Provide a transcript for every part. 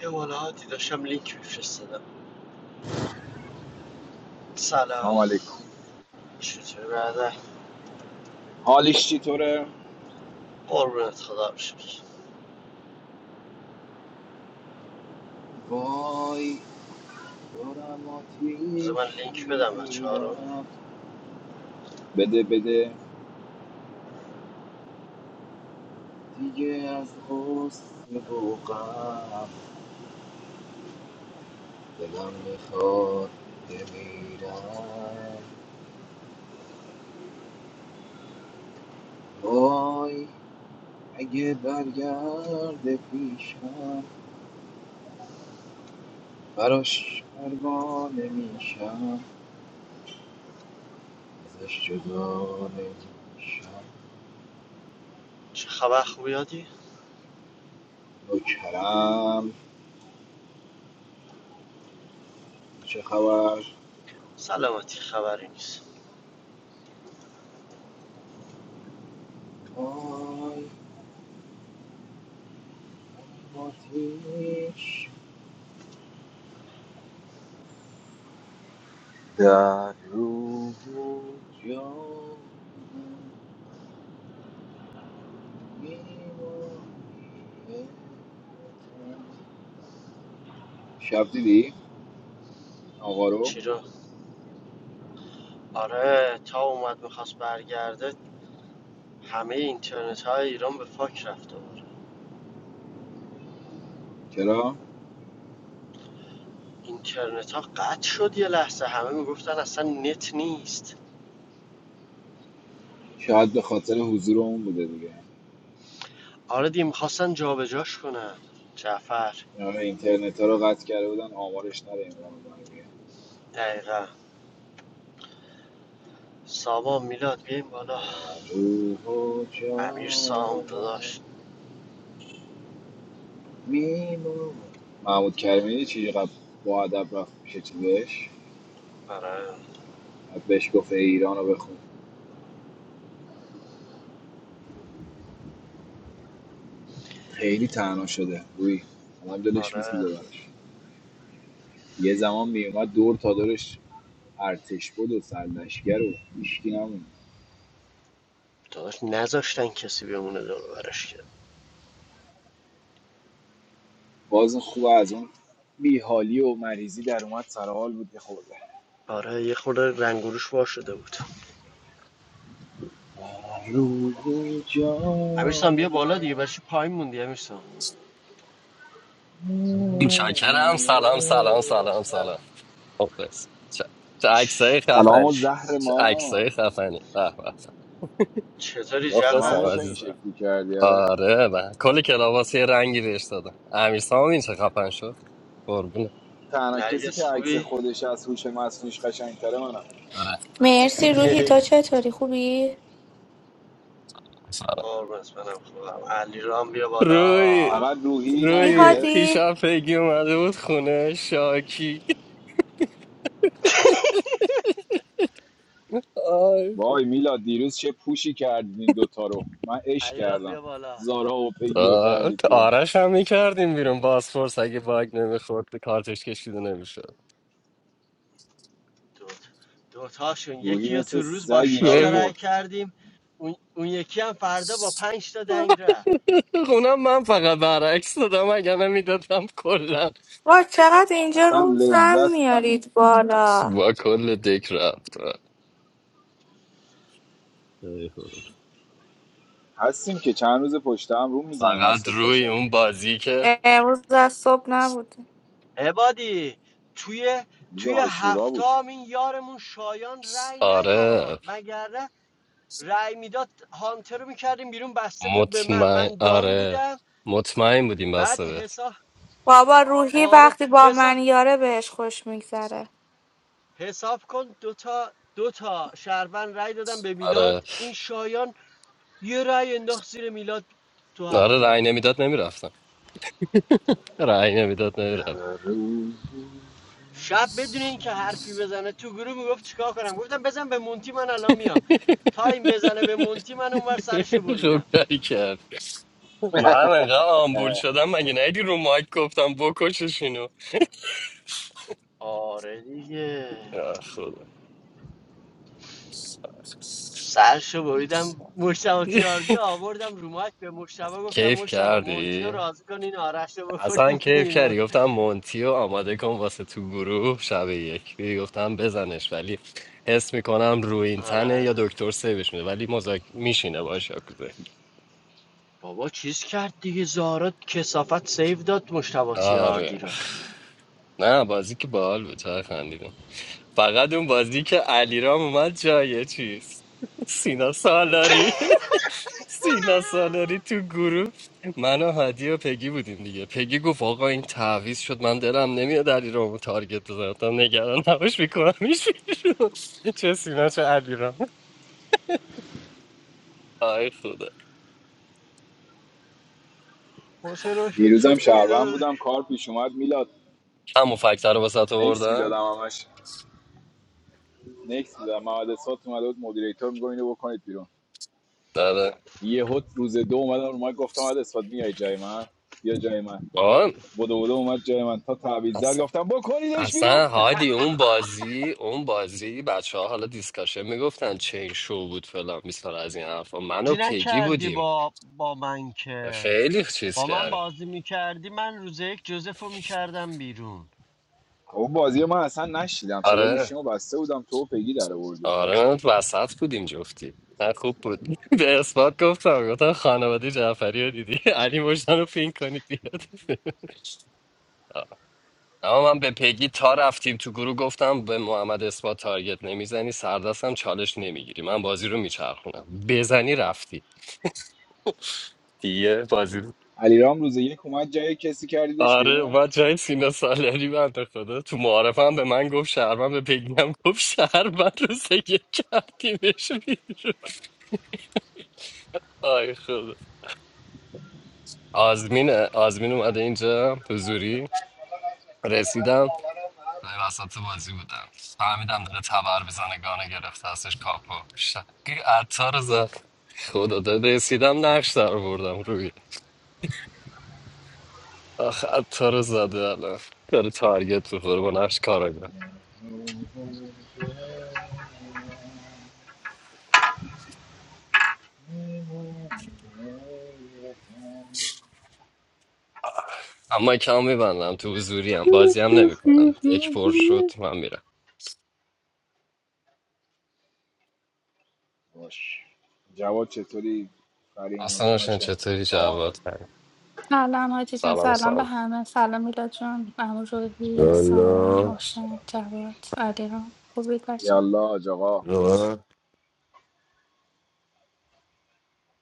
یه ملاحاتی داشتم لینک میفرستادم سلام سلام علیکم چطوری برادر حالش چطوره؟ قربونت خدا رو شکر وای دارم بذار من آتیش لینک بدم بچه ها رو میگیرم بده بده دیگه از غصه و غم دلم میخواد بمیرم وای اگه برگرده پیشم براش پروانه میشم ازش جدا نمیشم چه خبر خوبی هادی؟ نوکرم چه خبر سلامتی خبری نیست وای آتیش در روح و جان من می‌مانی ای وطن. شب دیدی آقا رو چی رو؟ آره تا اومد میخواست برگرده همه اینترنت های ایران به فاک رفته بود چرا اینترنت ها قطع شد یه لحظه همه میگفتن اصلا نت نیست شاید به خاطر حضور اون بوده دیگه آره دی میخواستن جابجاش کنن جعفر اینا اینترنت ها رو قطع کرده بودن آمارش نره این برام دیگه دقیقا سامان میلاد بیایم بالا در روح و امیر جان سام من داداش می‌مانی. محمود کریمی چیزی قبل با ادب رفت پیش چیزش آره بعد بهش گفت ایران رو بخون خیلی تنها شده روی آدم دلش آره میسوزه براش یه زمان میومد دور تا دورش ارتش بود و سرلشگر و هیچکی نمون داداش نذاشتن کسی بمونه دور برش کرد باز خوب از اون بیحالی و مریضی در اومد سر حال بود یه خورده آره یه خورده رنگوروش وا شده بود روی جان امیرسان بیا بالا دیگه برای چی پایین موندی امیرسان متشکرم سلام سلام سلام سلام مخلص چه چه عکسای چ- سلام و خفنی زهر چ- چه ما عکسای خفنی به به به. چطوری هممون مخلصم جعفر تو این عزیزم شکلی کردی آره آره و کل کلاباس یه رنگی بهش دادم امیر این چه خفن شد قربونه تنها کسی نرگس که عکس خوبی خودش از هوش مصنوعیش قشنگتره منم آره مرسی روحی تو چطوری خوبی؟ سلام قربونت منم خوبم علی رام بیا بالا روی فقط روحی چی روی نرگس هادی؟ دیشب پیگی اومده بود خونه شاکی آی وای میلا دیروز چه پوشی کردید این دوتا رو من عشق علی رام کردم بیا بالا زارا و پگیو آه، کردید بیرون آرش هم میکردیم بیرون بازپرس اگه باگ نمیخورد به کارتش کشیده نمیشد دو دوتاشون روحی یکی رو مثل تو روز سگ با اینا 6 رو تا رای خورد کردیم اون, اون یکی هم فردا با 5 تا دنگ اونم من فقط برعکس دادم اگر نمیدادم کلا وا چقدر اینجا اصلا رو کم لذت بود میارید بالا با کل دک رفت ای خدا. هستیم که چند روز پشت هم روم میزنیم از فقط صبح تا روی شب اون بازی که امروز از صبح نبود عبادی توی روز توی آشورا هفته بود این یارمون شایان رأی آره نداد مگر نه رأی میداد هانتر رو میکردیم بیرون بسته بود به من مطمئن من دان آره بودم مطمئن بودیم بعد بسته بهت حساب بابا روحی آره وقتی با حساب من یاره بهش خوش میگذره حساب کن دوتا دوتا شهروند رأی دادم به میلاد آره این شایان یه رأی انداخت زیر میلاد تو آره هفته رأی نمیداد نمیرفتم رأی نمیداد نمیرفت روز شب بدون اینکه حرفی بزنه تو گروه میگفت چیکار کنم گفتم بزن به مونتی من الان میام تا این بزنه به مونتی من اونور سرشو بریدم خوب کاری کرد من انقدر آمبول شدم مگه نیدی رو مایک گفتم بکشش اینو آره دیگه آه، خدا سرشو بریدم مشتبه تیاردی آوردم رو مایک به مشتبه گفتم کیف مشتبه مونتی رو کردی؟ راضی کن این آرش رو بکنیم اصلا کیف کردی بیرون گفتم مونتی رو آماده کن واسه تو گروه شب یک دیدی گفتم بزنش ولی حس میکنم روی این تنه آره یا دکتر سیوش میده ولی مزاک میشینه باشه بابا چیز کرد دیگه زارا کسافت سیف داد مشتبه تیاردی آره رو نه بازی که بال بود چقدر خندیدم. فقط اون بازی که علیرام اومد جای چیز سینا سالاری سینا سالاری تو گروه من و هادی و پگی بودیم دیگه پگی گفت آقا این تعویض شد من دلم نمیاد علیرامو تارگت بزنم تا نگران نباش میکنم بیرون. چه سینا چه علیرام آی خدا حسین راشد دیروزم چطوری شهروند داشت بودم کار پیش اومد میلاد همون فکتر رو واسه تو نکس بردن میدادم همش نکس میدادم محمد اسفات اومده بود مدیریتور میگم اینو بکنید بیرون داره یهو روز دو اومدم رو ما گفتم محمد اسفات میای جای من بیا جای من بدو بدو اومد جای من تا تعویض آن زد گفتم بکنیدش بیرون اصلا هادی اون بازی اون بازی بچه ها حالا دیسکاشن میگفتن چین شو بود فلان بیسار از این حرفا من و بازی پگی نکردی بودیم با با من که خیلی چیز با من کردیم بازی میکردی من روز یک جوزف رو میکردم بیرون اون بازی من اصلا نشیدم صدا آره گوشیمو بسته بودم تو و پگی در آوردید بازی آره وسط بودیم جفتی نه خوب بود به اثبات گفتم گفتم خانواده جعفری رو دیدی علی مژدان رو پین کنید بیاد اما من به پگی تا رفتیم تو گروه گفتم به محمد اثبات تارگت نمیزنی سردستم چالش نمیگیری من بازی رو میچرخونم بزنی رفتی دیگه بازی علیرام روز یک اومد جای کسی کردیدش آره بیرون و جای سینا سالاری بنده خدا تو معارفه هم به من گفت شهروند به پگی هم گفت شهروند روز یک کردیمش بیرون آی خدا آزمینه آزمین اومده اینجا حضوری رسیدم من وسط بازی بودم فهمیدم داره تبر بزنه گانه گرفته ازش کاپو شقی عطار رو زد خدا داره رسیدم نقش در بردم روی آخ عطار رو زده الان داره تارگت بخوره با نقش کارا اما کم میبندم تو حضوری هم بازی هم نمی کنم یک پر شد من میرم باش جواد چطوری فرین اصلا حسن روشن هاشم چطوری سامان جواد Hello, my dear friends. سلام Hello, my dear سلام friends. Hello, my dear friends. سلام والا سلام سلام Hello, my dear friends. یالا حاج آقا والا.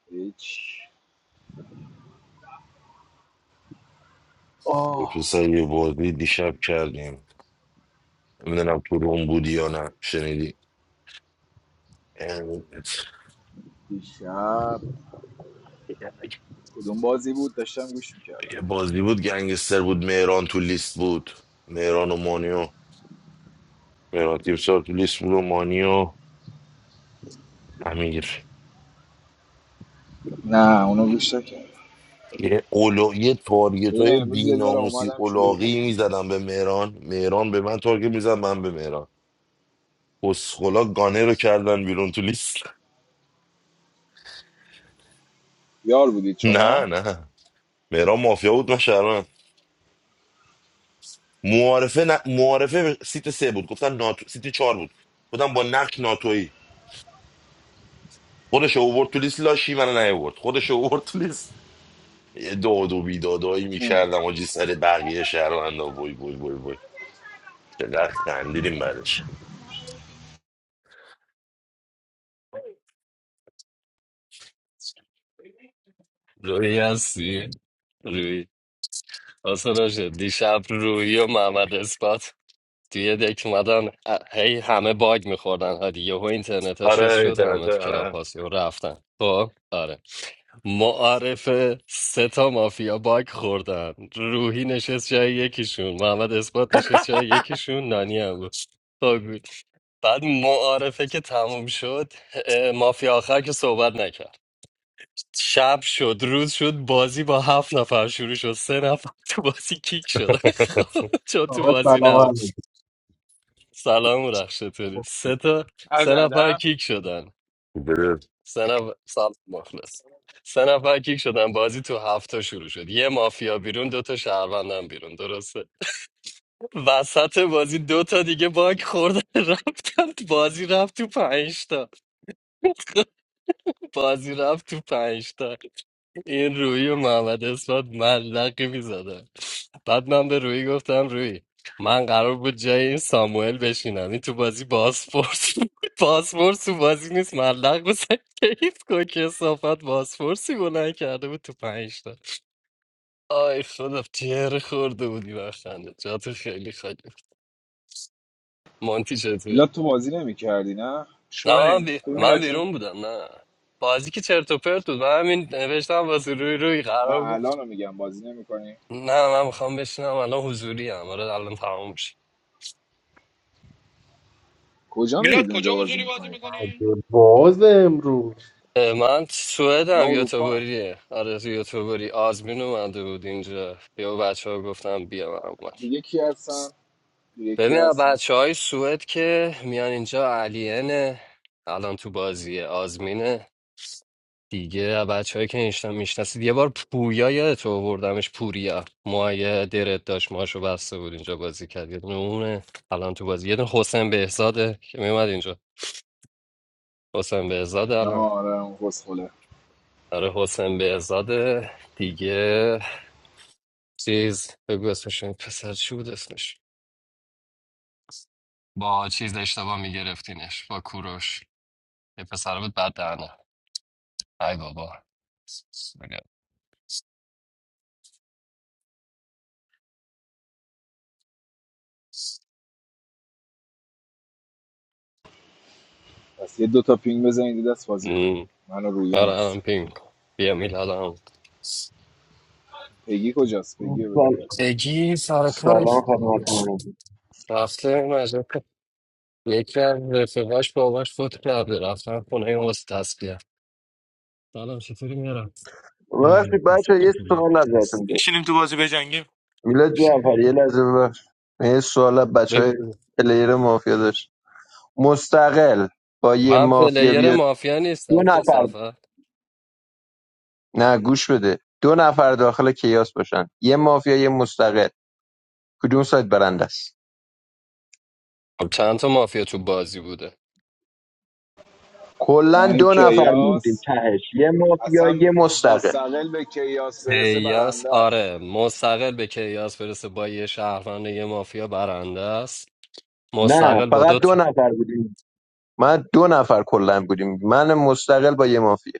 هیچ آه پسر یه بازی دیشب کردیم نمیدونم تو روم بودی یا نه شنیدی ام، دیشب کدوم بازی بود داشتم گوش میکردم یه بازی بود گنگستر بود مهران تو لیست بود مهران و مانیو مهران تیمسار تو لیست بود و مانیو امیر نه اونو گوش نکردم یه, اولا... یه تارگت بدون های امروز یه ذره بیناموسی اومدم شلوغ اولاقی بود میزدم به مهران مهران به من تارگت میزد من به مهران اسخلا گانه رو کردن بیرون تو لیست یار بودید نه شما نه مهران مافیا بود من شهروند. معارفه ن... معارفه سیت سه بود گفتن ناتو... سیت چهار بود گفتم با نقش ناتویی خودش رو اوورد تو لیست لاشی من نیورد خودش رو اوورد تو لیست یه داد و بیدادایی هم. میکردم آجی سر بقیه شهروندا بوی بوی بوی بوی چقدر خندیدیم بعدش روی هستی روی اصلا روشن دیشب روی و محمد اثبات توی دک اومدن ا- هی همه باگ میخوردن ها دیگه و اینترنت ها چیز آره شد اینترنت همه تو کلاب آره هاست یهو رفتن خب آره معارفه سه تا مافیا باگ خوردن روحی نشست جای یکیشون محمد اثبات نشست جای یکیشون نانی هم بود تا بود. بعد معارفه که تموم شد اه، مافیا آخر که صحبت نکرد شب شد روز شد بازی با هفت نفر شروع شد سه نفر تو بازی کیک شد خب، چون تو Boss, بازی نبود bro. سلام رخ چطوری سه تا عرض سه نفر ادب کیک شدن بله. سه نفر سلام سه نفر کیک شدن بازی تو هفته شروع شد یه مافیا بیرون دوتا شهروندم بیرون درسته وسط بازی دوتا دیگه باک خوردن رفتن تو بازی رفت تو پنجتا بازی رفت تو پنجتا این روی و محمد اسمت ملقی میزدن بعد من به روی گفتم روی من قرار بود جای این ساموئل بشینم این تو بازی باسپورس باسپورس تو بازی نیست ملق بزن کیف کن که صافت باسپورسی بلند کرده بود تو پنج تا آی خدا تیره خورده بودی بخنده جاتو خیلی خالی بود. مانتی چطوری میلاد تو بازی نمی کردی نه نه شما من, نه بی... خوبی الان من میلاد جون بیرون بودم نه بازی که چرت و پرت بود من همین نوشتم واسه روی روی نه قرار بود الان رو میگم بازی نمی کنی نه من میخوام بشینم الان حضوری هم آره الان تمام میشه کجا میلاد میرید کجا اونجا بازی حضوری بازی میکنید میکنی اه، من نه سوئدم اروپا هم. یوتوبوریه آره تو یوتوبوری آزمین اومده بود اینجا یا بچه ها گفتم بیا من اومد دیگه کی هستن دیگه کی ببین هستن بچه های سوئد که میان اینجا علینه الان تو بازیه آزمینه دیگه بچه‌ای که اینشتن میشناسید یه بار پویا یادت آوردمش پوریا موهای درت داشت ماشو بسته بود اینجا بازی کرد یه دونه اونه الان تو بازی یه دونه حسین بهزاده که میومد اینجا حسین بهزاده نه الان آره اون خوله آره حسین بهزاده دیگه چیز بگو اسمش این پسر چی بود اسمش با چیز اشتباه میگرفتینش با کوروش یه پسر بود بعد دهنه ای بابا پس یه دوتا پینگ بزنید دست بازی کنید م. من و رویم آره هست الان پینگ بیا میلادم پگی کجاست پگی رو بگو بله. بیاد بگی سر سلام کارش خدمت شما رفته مجرد یک از رفقاش باباش فوت کرده رفتن خونه این واسه تسکیه سلام چطوری میرم ببخشید بچه یه سوال ازتون داشت بشینیم تو بازی بجنگیم میلاد جعفری یه لحظه ببخش من یه سوال از بچه های بگو. پلیر مافیا داشت مستقل با یه من مافیا پلیر بیاد مافیا دو نیستم که نفر صافت نه گوش بده دو نفر داخل کیاس باشن یه مافیا یه مستقل کدوم سایت برنده است خب چند تا مافیا تو بازی بوده نه کلا این دو نفر موندیم کیاس تهش یه مافیا اصلا یه مستقل مستقل به کیاس برسه کیاس برنده است آره مستقل به کیاس برسه با یه شهروند یه مافیا برنده است نه مستقل با فقط دو دو تا نفر بودیم من دو نفر کلا بودیم من مستقل با یه مافیا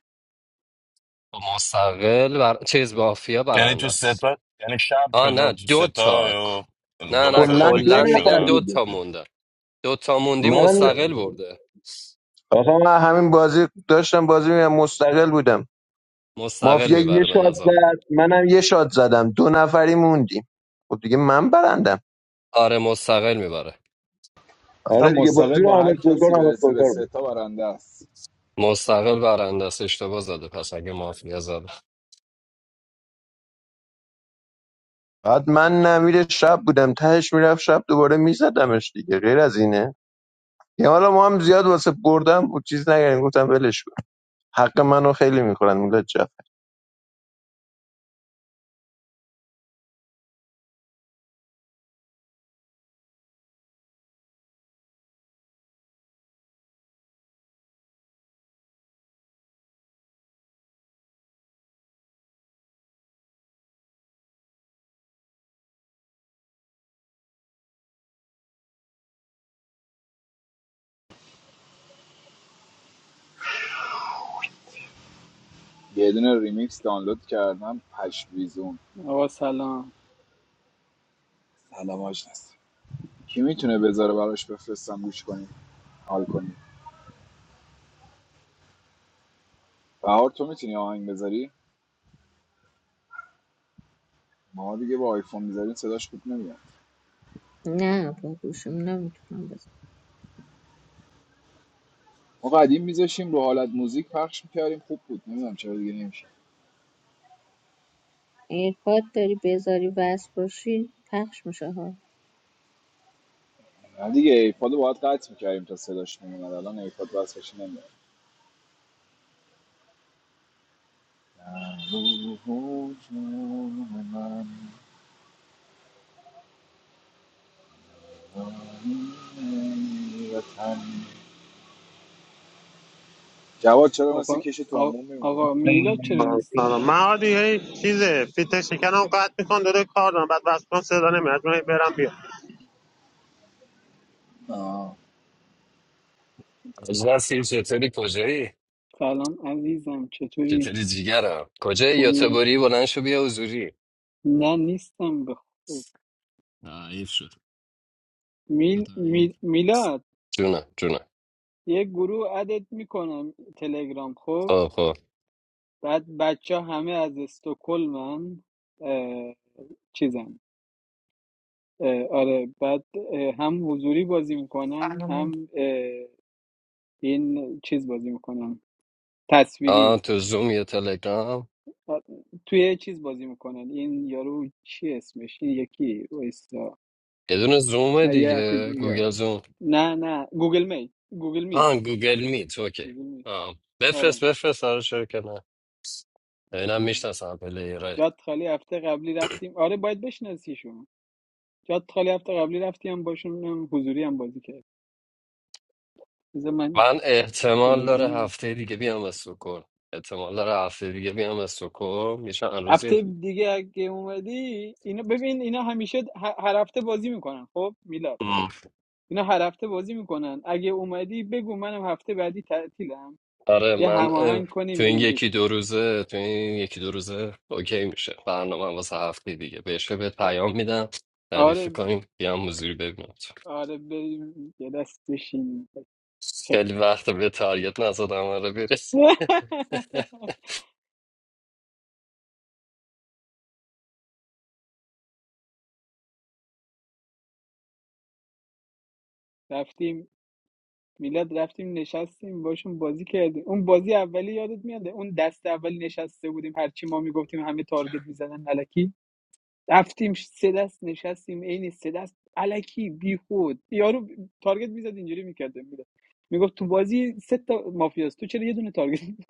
مستقل بر... چیز مافیا یعنی برنده تو است ستا یعنی شب آ نه شده تو دو تا ستا یا نه دو نه نفر یا کلا نفر کلا دو کیک میگن نفر دو شدن بودیم تا مونده دو تا موندی من مستقل برده آقا من همین بازی داشتم بازی می‌کردم، مستقل بودم مستقل مافیا یه میبره به شاد نظرم زد منم یه شاد زدم دو نفری موندیم خب دیگه من برندم آره مستقل میبره اصلا آره دیگه مستقل بازی رو با حامد هر گلکار کسی حامد برسه به گلکار بود ستا برنده است مستقل برنده است اشتباه زده پس اگه مافیا زده بعد من نمیر شب بودم تهش میرفت شب دوباره میزدمش دیگه غیر از اینه یه حالا ما هم زیاد واسه بردم بود چیز نگریم گفتم ولش کن حق منو خیلی میخورن یه دونه ریمیکس دانلود کردم پشت ویزون آقا سلام سلام آشنا. کی میتونه بذاره براش بفرستم گوش کنیم حال کنیم بهار تو میتونی آهنگ بذاری ما دیگه با آیفون میذاریم صداش خوب نمیاد نه با گوشیم نمیتونم بزن ما قدیم میذاشیم رو حالت موزیک پخش میکردیم خوب بود نمیدونم چرا دیگه نمیشه اگه کات داری بذاری وصل باشی پخش میشه ها نه دیگه ایپاد رو باید قطع میکردیم تا صداش میومد الان ایپاد وصلش نمیاد جواد چرا مثل آقا کش آ- تومون میمونی آقا جواد میلا چرا آره نیستش من عادی هی چیزه فیت شکمم قطع میکن داره کار دارم بعد وصفم صدا نمیاد من هی برم بیام. آه. اجلا سیر چطوری کجایی سلام عزیزم چطوری چطوری جیگرم کجایی یا خوبی تبری بلند شو بیا حضوری نه نیستم به خوب تعیف شد میل بفرمایید. میل- میلاد جونه جونه یه گروه ادت میکنم تلگرام خب خب خب بعد بچه همه از استکهلمن چیزن اه، آره بعد اه، هم حضوری بازی میکنن سلام هم اه، این چیز بازی میکنن تصویری آ تو زوم یا تلگرام آ، توی یه چیز بازی میکنن این یارو چی اسمش این یکی وایسا یه دونه زومه نه یه اپ دیگه دیگه گوگل زوم نه نه گوگل می گوگل میت آه گوگل میت اوکی گوگل میت آه. آره بفرست بفرست آره چرا که نه اینم آره. میشناسم پلیرهای جاد خالی هفته قبلی رفتیم آره باید بشناسیشون جاد خالی هفته قبلی رفتیم باشون هم حضوری هم بازی کرد بذار من من احتمال داره تلگرام هفته دیگه بیام استکهلم احتمال داره هفته دیگه بیام استکهلم یه چند روزی هفته دیگه اگه اومدی اینا ببین اینا همیشه ه- هر هفته بازی میکنن خب میلاد ام. اینا هر هفته بازی میکنن اگه اومدی بگو منم هفته بعدی تعطیلم آره یه من اه، هماهنگ کنیم تو این بریم یکی بش دو روزه تو این یکی دو روزه اوکی میشه برنامه واسه هفته دیگه بهش بهت پیام میدم ردیف آره کنیم بیام حضوری ببینم تو. آره بریم یه دست بشین خیلی. خیلی وقت به تاریت نزدم آره برس رفتیم میلاد رفتیم نشستیم باشون بازی کردیم اون بازی اولی یادت میاد اون دست اولی نشسته بودیم هرچی ما میگفتیم همه تارگت میزدن علکی رفتیم سه دست نشستیم عین سه دست علکی بیخود یارو تارگت میزد اینجوری میکرد میلاد میگفت تو بازی سه تا مافیاست تو چرا یه دونه تارگت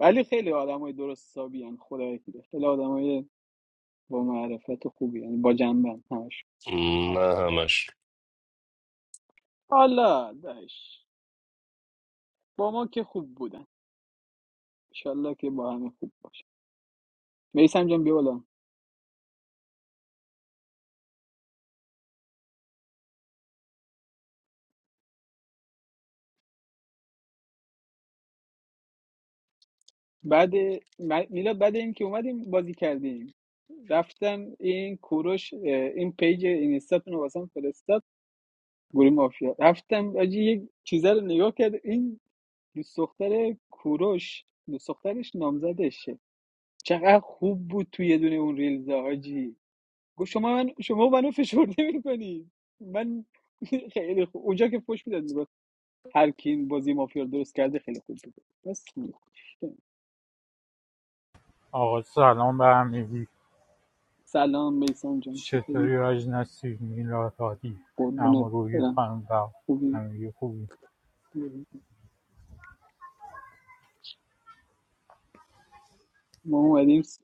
ولی خیلی آدمای درست حسابی خدای دیده خیلی آدمای با معرفت خوبی یعنی با جنبن همش نه همش حالا داش با ما که خوب بودن انشالله که با همه خوب باشه میسم جان بیا بالا بعد میلاد بعد این که اومدیم بازی کردیم رفتم این کوروش این پیج اینستاتون رو واسم فرستاد گروه مافیا رفتم آجی یک چیزه رو نگاه کرد این دوست دختر کوروش دوست دخترش نامزدشه چقدر خوب بود توی یه دونه اون ریلز حاجی گفت شما من شما منو فشرده میکنی من خیلی خوب اونجا که فوش میداد میگفت هر کی این بازی مافیا رو درست کرده خیلی خوب بود بس آقا سلام به همگی سلام میسان جان چطوری چطوری آج نسی میلاد هادی اما قربونت روی برم خانم با خوبی همگی خوبی ما اومدیم س-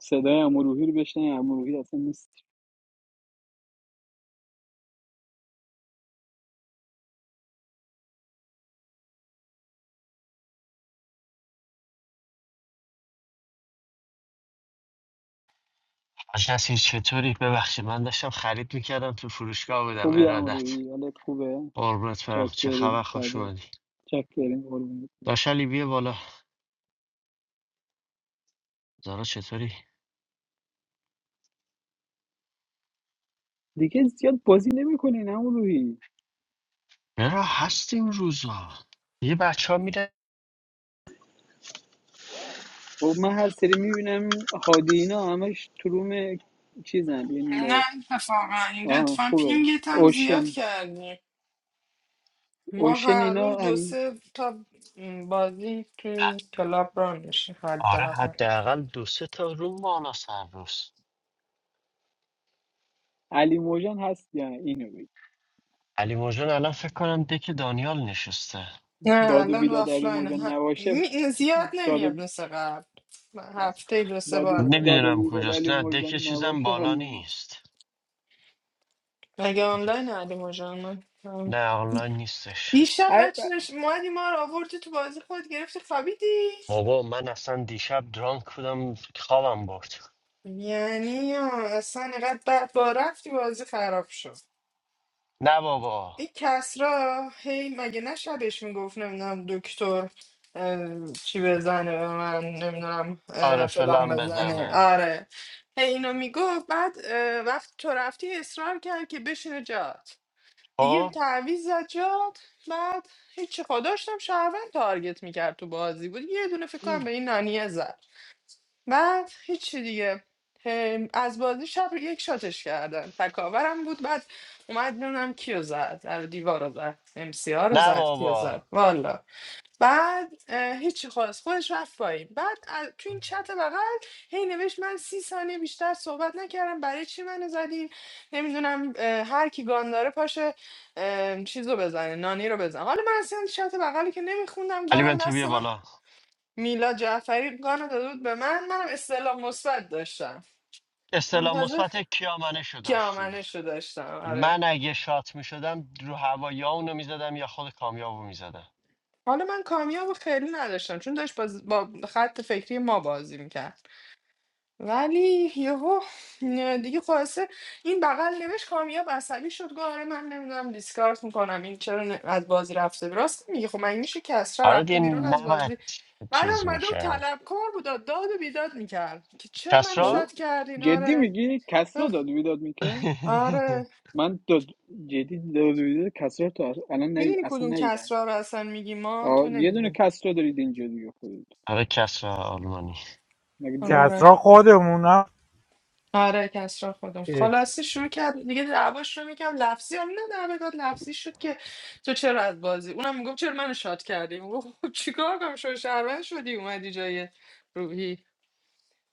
صدای امروهی رو بشنیم امروهی اصلا نیست کسی چطوری؟ ببخشید من داشتم خرید میکردم تو فروشگاه بودم خوبی ارادت امروهی حالت خوبه قربونت برم چه چاکری خبر خوش فدات اومدی چاکری قربونت برم. داشت بیا بالا زارا چطوری؟ دیگه زیاد بازی نمیکنین امروهی چرا هستیم این روزا یه بچه ها میره خب من هر سری میبینم هادی اینا همش تو روم چیزن نه این اتفاقا این آه لطفا خوبه پینگت هم زیاد اوشن کردیم ما اوشن هر اینا روز دو هم سه تا بازی تو این کلاب را میشه آره حداقل حداقل دو سه تا روم بالا سر روز علی موجان هست یا نه؟ اینو بگی علی موجان الان فکر کنم دک دانیال نشسته نه داد و الان بیداد علی آفلاین موجان ه... نباشه می- زیاد داد و نمیاد مثل قبل هفته دو سه داد و بار میاد داد و نمیدونم بیداد کجاست علی نه موجان دک چیزم نباشه حال بالا نمیده نیست مگه آنلاین علی مجان من هم. نه آنلاین نیستش دیشب ای- بچه نش... مادی ما رو آوردی تو بازی خود گرفتی خوابیدی بابا من اصلا دیشب درانک بودم خوابم برد یعنی آه، اصلا اینقدر بعد با رفتی بازی خراب شد نه بابا این کسرا هی مگه نه شبش میگفت نمیدونم دکتر اه، چی بزنه به من نمیدونم اه، آره فلان فلان بزنه بزنه آره هی اینو میگفت بعد اه، وقت تو رفتی اصرار کرد که بشینه جات دیگه خب تعویض زد جات بعد هیچی خدا داشتم شهروند تارگت میکرد تو بازی بود یه دونه فکر کنم به این نانیه زد بعد هیچی دیگه هم، از بازی شب یک شاتش کردن تکاورم بود بعد اومد نونم کیو زد در دیوار رو زد امسی رو نه زد کیو زد بابا والا بعد اه، هیچی خواست خودش رفت پایین بعد از- تو این چت بغل هی نوشت من سی ثانیه بیشتر صحبت نکردم برای چی منو زدین نمیدونم هر کی گان داره پاشه اه، چیز رو بزنه نانی رو بزنه حالا من اصلا چت بغلی که نمیخوندم علی گانم بنتو دست بیا من بالا میلا جعفری گانو داده بود به من منم استعلام مثبت داشتم استلام منتظر مثبت کیامنشو داشتی کیامنشو داشتم آره من اگه شات میشدم شدم رو هوا یا اونو می یا خود کامیابو میزدم. حالا من کامیاب رو خیلی نداشتم چون داشت باز- با خط فکری ما بازی میکرد ولی یهو دیگه خلاصه این بغل نوشت کامیاب عصبی شد گفت آره من نمیدونم دیسکارت میکنم این چرا ن- از بازی رفته بیرون راست میگه خب من میشه کسرا آره رفته دیگه بیرون از نباید بازی بعد چیز اومده و میشه. طلبکار بود و داد و بیداد میکرد که چرا منو بابا، شاد کسرا؟ کردین جدی آره میگی کسرا اخ. داد و بیداد میکرد آره من داد جدی داد و بیداد کسرا تو الان ندید میدونی اصلا کدوم ندیدم کسرا رو اصلا میگی ما تو آه، یه دونه نمیدونی کسرا دارید اینجا دیگه خودت آره کسرا آلمانی مگه آره کسرا خودمونم آره کسرا خودم اه، خلاصه شروع کرد دیگه دعواش رو میکرد لفظی هم نه دعوا داد لفظی شد که تو چرا از بازی اونم میگفت چرا منو شاد کردی میگفت خب چیکار کنم شو شهروند شدی اومدی جای روحی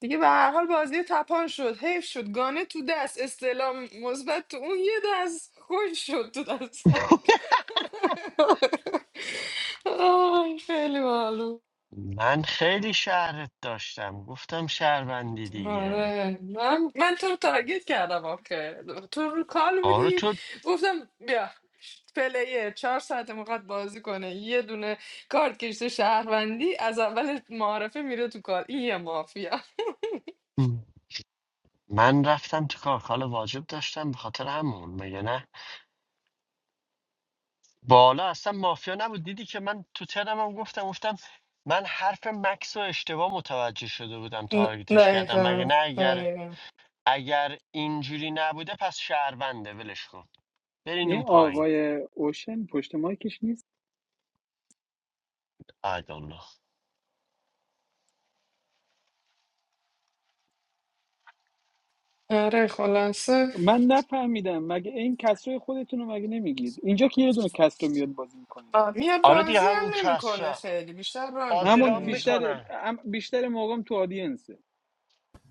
دیگه به هر حال بازی تپان شد حیف شد گانه تو دست استعلام مثبت تو اون یه دست خوش شد تو دست آی خیلی باحال من خیلی شهرت داشتم گفتم شهروندی دیگه آره من من تو رو تارگت کردم آخه تو رو کال آره بودی تو گفتم بیا پلیه چهار ساعت میخواد بازی کنه یه دونه کارت کشته شهروندی از اول معارفه میره تو کال این یه مافیا من رفتم تو کارکال واجب داشتم به خاطر همون مگه نه بالا اصلا مافیا نبود دیدی که من تو ترم هم گفتم گفتم من حرف مکس رو اشتباه متوجه شده بودم نه تارگتش کردم مگه دقیقا نه اگر دقیقا اگر اینجوری نبوده پس شهرونده ولش کن برین این اون پایین آقای اوشن پشت مایکش نیست I don't know آره خلاصه من نفهمیدم مگه این کسرای خودتون رو مگه نمیگید اینجا که یه دونه کسرو میاد بازی میکنید آه، میاد حالا دیگه بازی هم همون نمیکنه کسرا خیلی بیشتر ران بازی میکنه رام همون اینجا بیشتر میکنه هم بیشتر موقعم تو آدینسه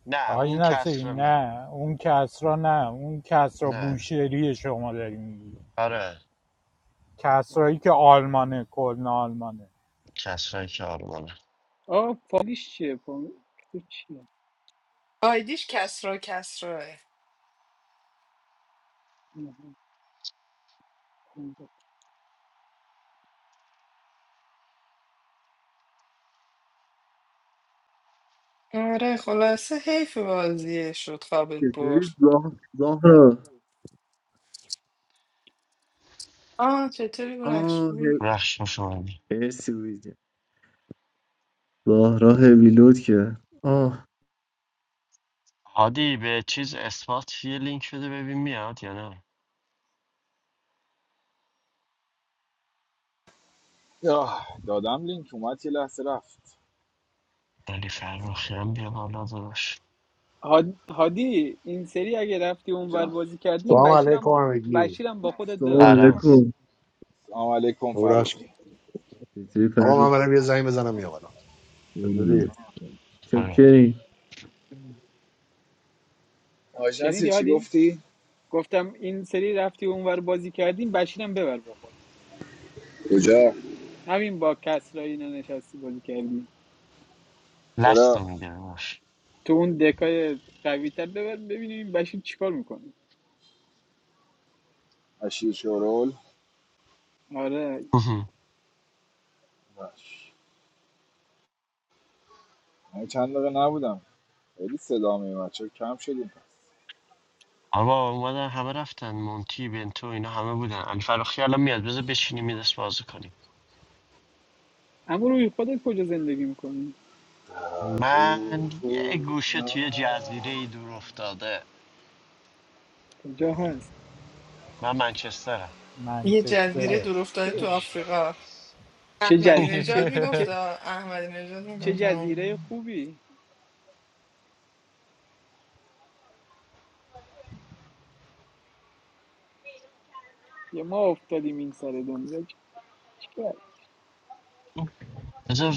نه آج اون نسی کسرا نه نه اون کسرا نه اون کسرا نه بوشهری شما داری میگی آره کسرایی که آلمانه کلن آلمانه کسرایی که آلمانه آقا فالیش چیه فالیش چیه آیدیش کسرا کسراه آره خلاصه حیف بازیه شد خوابت برد آه چطوری برخش Ah, hey, رخش شمانی hey, see you later. Ah, rah-e biloot ke. Ah, هادی به چیز اثبات یه لینک بده ببین میاد یا نه آه، دادم لینک اومد یه لحظه رفت علی فرخی هم بیا بالا داداش هاد- هادی این سری اگه رفتی اونور جان بازی کردی این Ama leko بشیرم ameji. بشیرم با خودت so ببر سلام داداش. leku. سلام علیکم Ora shi. فروخی Ama bana bia zaima zana miyavana. Eto di. آره آج شنیدی نصیر چی هادی گفتی؟ گفتم این سری رفتی اونور بازی کردی این بشیرم ببر با خودت کجا همین با کسرا اینا نشستی بازی کردی لست چرا رو میگیره باش تو اون دکای قوی تر ببر ببینیم بشیر چیکار میکنه اشیر شورول آره مهم. باش. من چند دقیقه نبودم خیلی صدا میومد چرا کم شدیم پس؟ اما اومدن همه رفتن مونتی بنتو اینا همه بودن علی فراخی الان میاد بذار بشینیم یه دست بازی کنیم اما روی خودت کجا زندگی میکنی در من یه روح گوشه توی جزیره جان. ای دور افتاده کجا هست من منچسترم یه و جزیره منچستر دور افتاده تو آفریقا چه, احمدی جز... چه... نژاد میگفت چه... آه، احمدی نژاد چه میگفتم جزیره خوبی یا ما افتادیم این سر دنیا چ- چیکار؟ بذار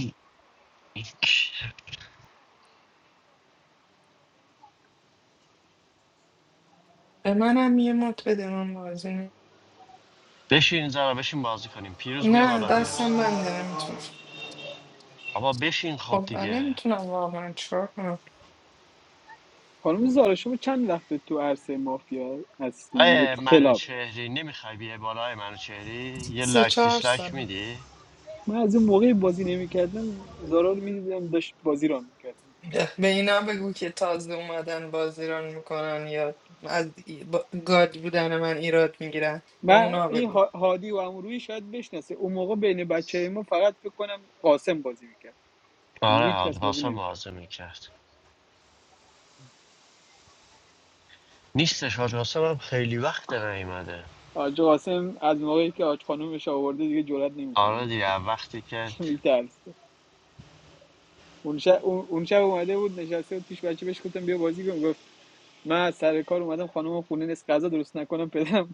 به منم یه مت بده من بازی نمی- بشین زارا بشین بازی کنیم پیروز بیا نه بالا پیروز دستم بنده نمیتونم آبا بشین خب خب من دیگه نمیتونم واقعا چیکار کنم خانم زارا شما چند وقت تو عرصه مافیا هستین اینجا آیه تو کلاب منوچهری نمیخوای بیای بالا آیه منوچهری یه سه لایک چهار دیسلایک ساله میدی من از اون موقع بازی نمیکردم زارا رو میدیدم داشت بازی را میکردم به به اینا بگو که تازه اومدن بازیران میکنن یا از ای- با- گاد بودن من ایراد میگیرن به من اونا این بگو ها- هادی و امروی شاید بشناسه اون موقع بین بچه ما فقط فکر کنم قاسم بازی میکرد دیگه آره هیچ کس حاج- بازی حسن نمیکنه موازه میکرد نیستش حاج قاسم هم خیلی وقت نیومده حاج قاسم از موقعی که حاج خانومش آورده دیگه جرئت نمیکنه آره بیاد دیگه بالا از وقتی که میترسه اون شب اون اون شب اومده بود نشسته بود پیش بچه بهش گفتم بیا بازی کن گفت من از سر کار اومدم خانومم خونه نیست غذا درست نکنم پدرم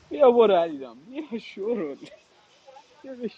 بیا برو علیرام بیا شورول بیا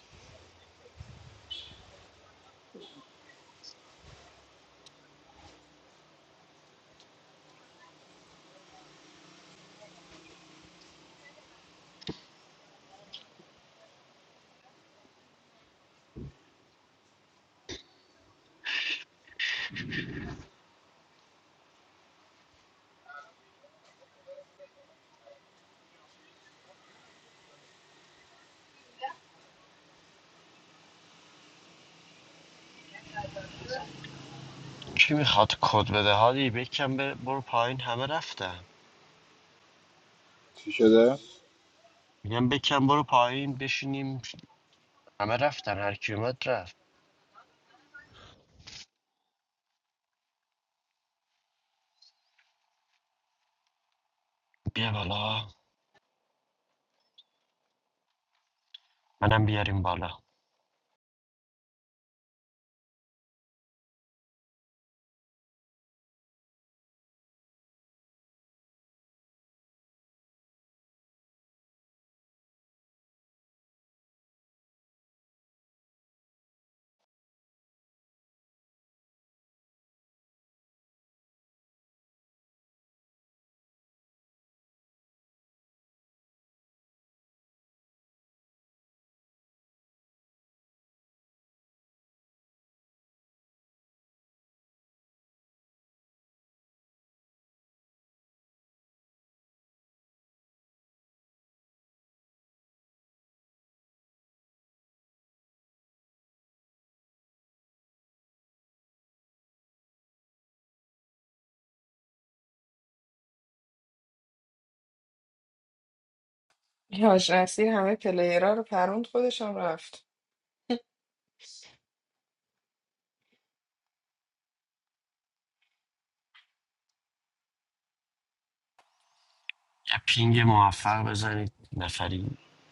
کی میخواد کد بده هادی بکن بر- برو پایین همه رفتن چی شده میگم بکن برو پایین بشینیم همه رفتن هر کی اومد رفت بیا بالا منم بیاریم بالا یاش اصیل همه پلیرها رو پروند خودشم رفت یه پینگ موفق بزنید نفری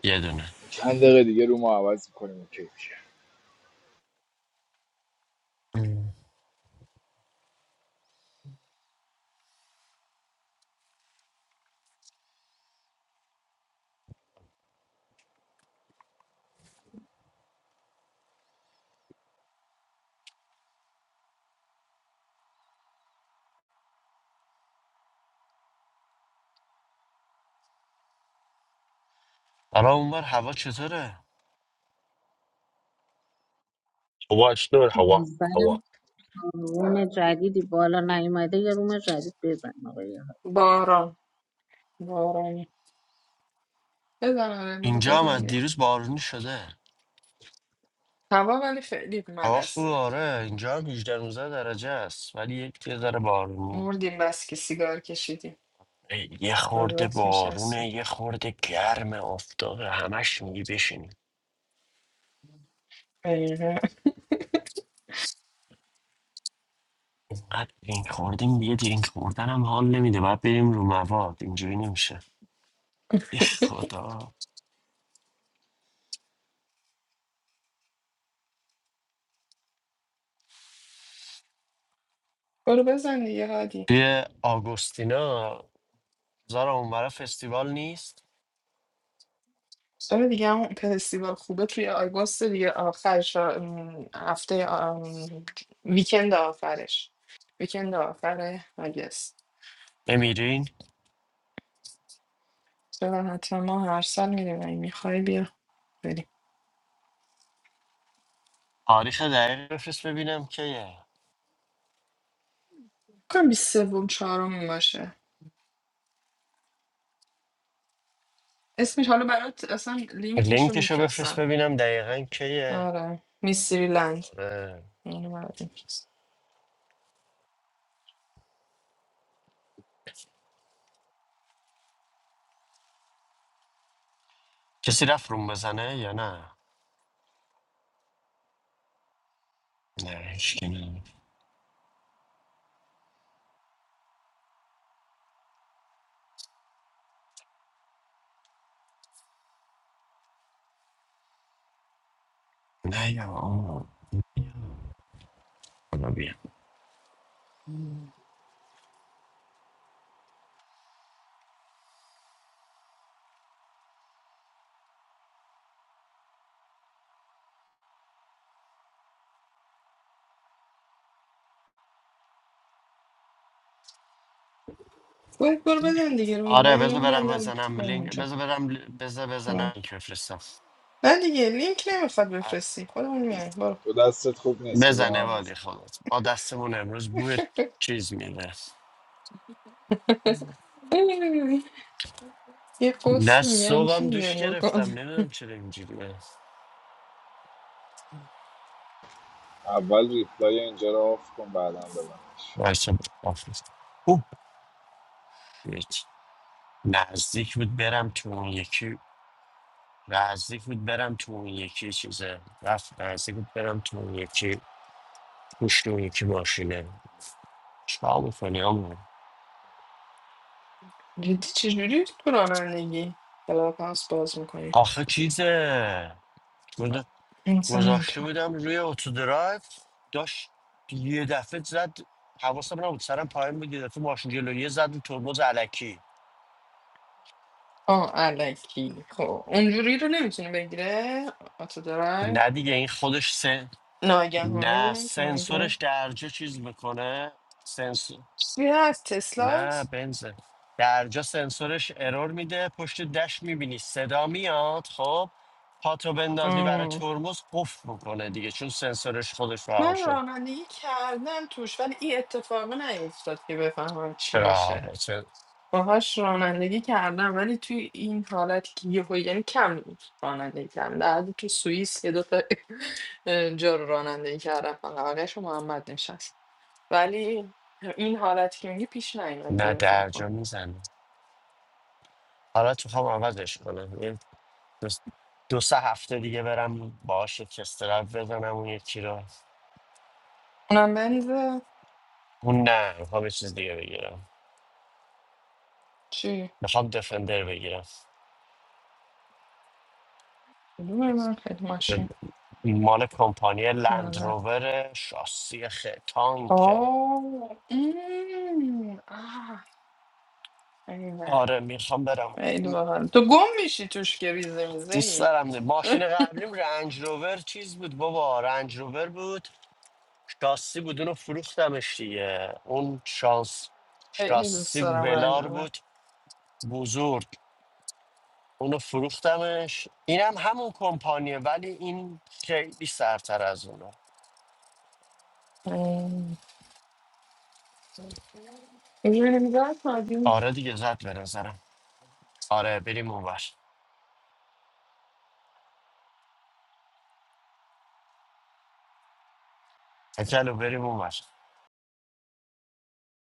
یه دونه چند دقیقه دیگه رو ما عوض میکنیم اوکی میشه ام. حالا اونور هوا چطوره هوا چطور زنم هوا روم جدیدی بالا نیومده یه روم جدید بزن آقای باران بارانی بزن آره برو اینجا هم بزن از دیروز بارونی شده هوا ولی خیلی هوا خوب ملسه آره اینجا هم 18 19 درجه است ولی یک یه ذره بارونی مردیم بس که سیگار کشیدیم یه از خورده دست میچسبه بارونه یه خورده گرم آفتابه همش میگی بشینیم اینقدر درینک خوردیم دیگه درینک خوردن هم حال نمیده باید بریم رو مواد اینجوری نمیشه یه خدا برو بزن دیگه هادی توی آگوستینا زارا اونورا فستیوال نیست سال دیگه همون فستیوال خوبه توی آگوست دیگه آخرش ام، هفته ام، ویکند آخرش ویکند آخر آگست نمیرین چرا حتما ما هر سال میریم اگه میخوای بیا بریم تاریخ دقیق بفرست ببینم کیه کنم بیست سوم چهارم باشه اسمش حالا برات اصلا لینکش رو لینکشو میفرستم بفرست ببینم دقیقا کیه آره میستری لند آره. اینو برات می‌فرستم. کسی رفت روم بزنه یا نه نه هیچکی نه نه یا آه. خدا بیا برو برو بزن دیگه روی من آره اینو بذار برم میبندم بزنم میام لینک اونجا بذار برم ل- بذار بزنم آه. لینک بفرستم نه دیگه لینک نمیخواد بفرستی خودمون میایم برو تو دستت خوب نیست بذار بزنه من وادی بزن خودت ما دستمون امروز بوی چیز میده اوه، یه نه قسل میگن چی صبحم دوش میگن گرفتم بکن نمیدونم چرا اینجوریه اول ریپلای اینجا رو آف کن بعدا ببندش وایسا بفرست اوه هیچ. نزدیک بود برم تو اون یکی نزدیک بود برم تو اون یکی چیزه رفت نزدیک بود برم تو اون یکی پشت اون یکی ماشینه چیکار میکنی آمون جدی چجوری تو رانندگی کلاب هاوس باز میکنی آخه چیزه اصلا گذاشته نمیتونم بودم روی اتو درایو داشت یه دفعه زد حواسم نبود سرم پایین بود یه دفعه ماشین جلویه زد رو ترمز علکی آه علکی خب اونجوری رو نمیتونه بگیره آتو درای نه دیگه این خودش سن... ناگهانی رو نه نمیتونه سنسورش بگیره درجا چیز میکنه سنسور چیزی از نه تسلاست بنزه درجا سنسورش ارور میده پشت دش میبینی صدا میاد خب پاتو بندازی برای آه. ترمز قفل میکنه دیگه چون سنسورش خودش رها من شد رانندگی کردم توش ولی این اتفاق نیفتاد که بفهمم چی چرا میشه هوا سن- باهاش رانندگی کردم ولی توی این حالت که یهو یعنی کم بود رانندگی کردم در حدی تو سوئیس یه دوتا جا رو رانندگی کردم فقط آقایش و محمد نشست ولی این حالتی که میگی پیش نیومد که نه درجا بفهمم میزنه حالت میخوام عوضش کنم یه دو, دو سه هفته دیگه برم باهاش یک استرپ بزنم اون یکی رو اونم بنز اون نه میخوام یه چیز دیگه بگیرم چی؟ میخوام دفندر بگیرم کدومه من خیلی ماشین مال کمپانی لند نظر روور شاسی خ... تانکه آه ام، آه، ایوه. آره میخوام برم خیلی باحال تو گم میشی توش که ریزه میزه دوست ای دارم ده. ماشین قبلیم رنج روور چیز بود بابا رنج روور بود شاسی بود اونو فروختمش دیگه اون شانس خیلی دوست شاسی دارم رنج ولار بود بزرگ اونو فروختمش اینم همون کمپانیه ولی این خیلی سرتر از اونه رو Even in God, you آره دیگه زد به نظرم آره بریم اونور کچلو بریم اونور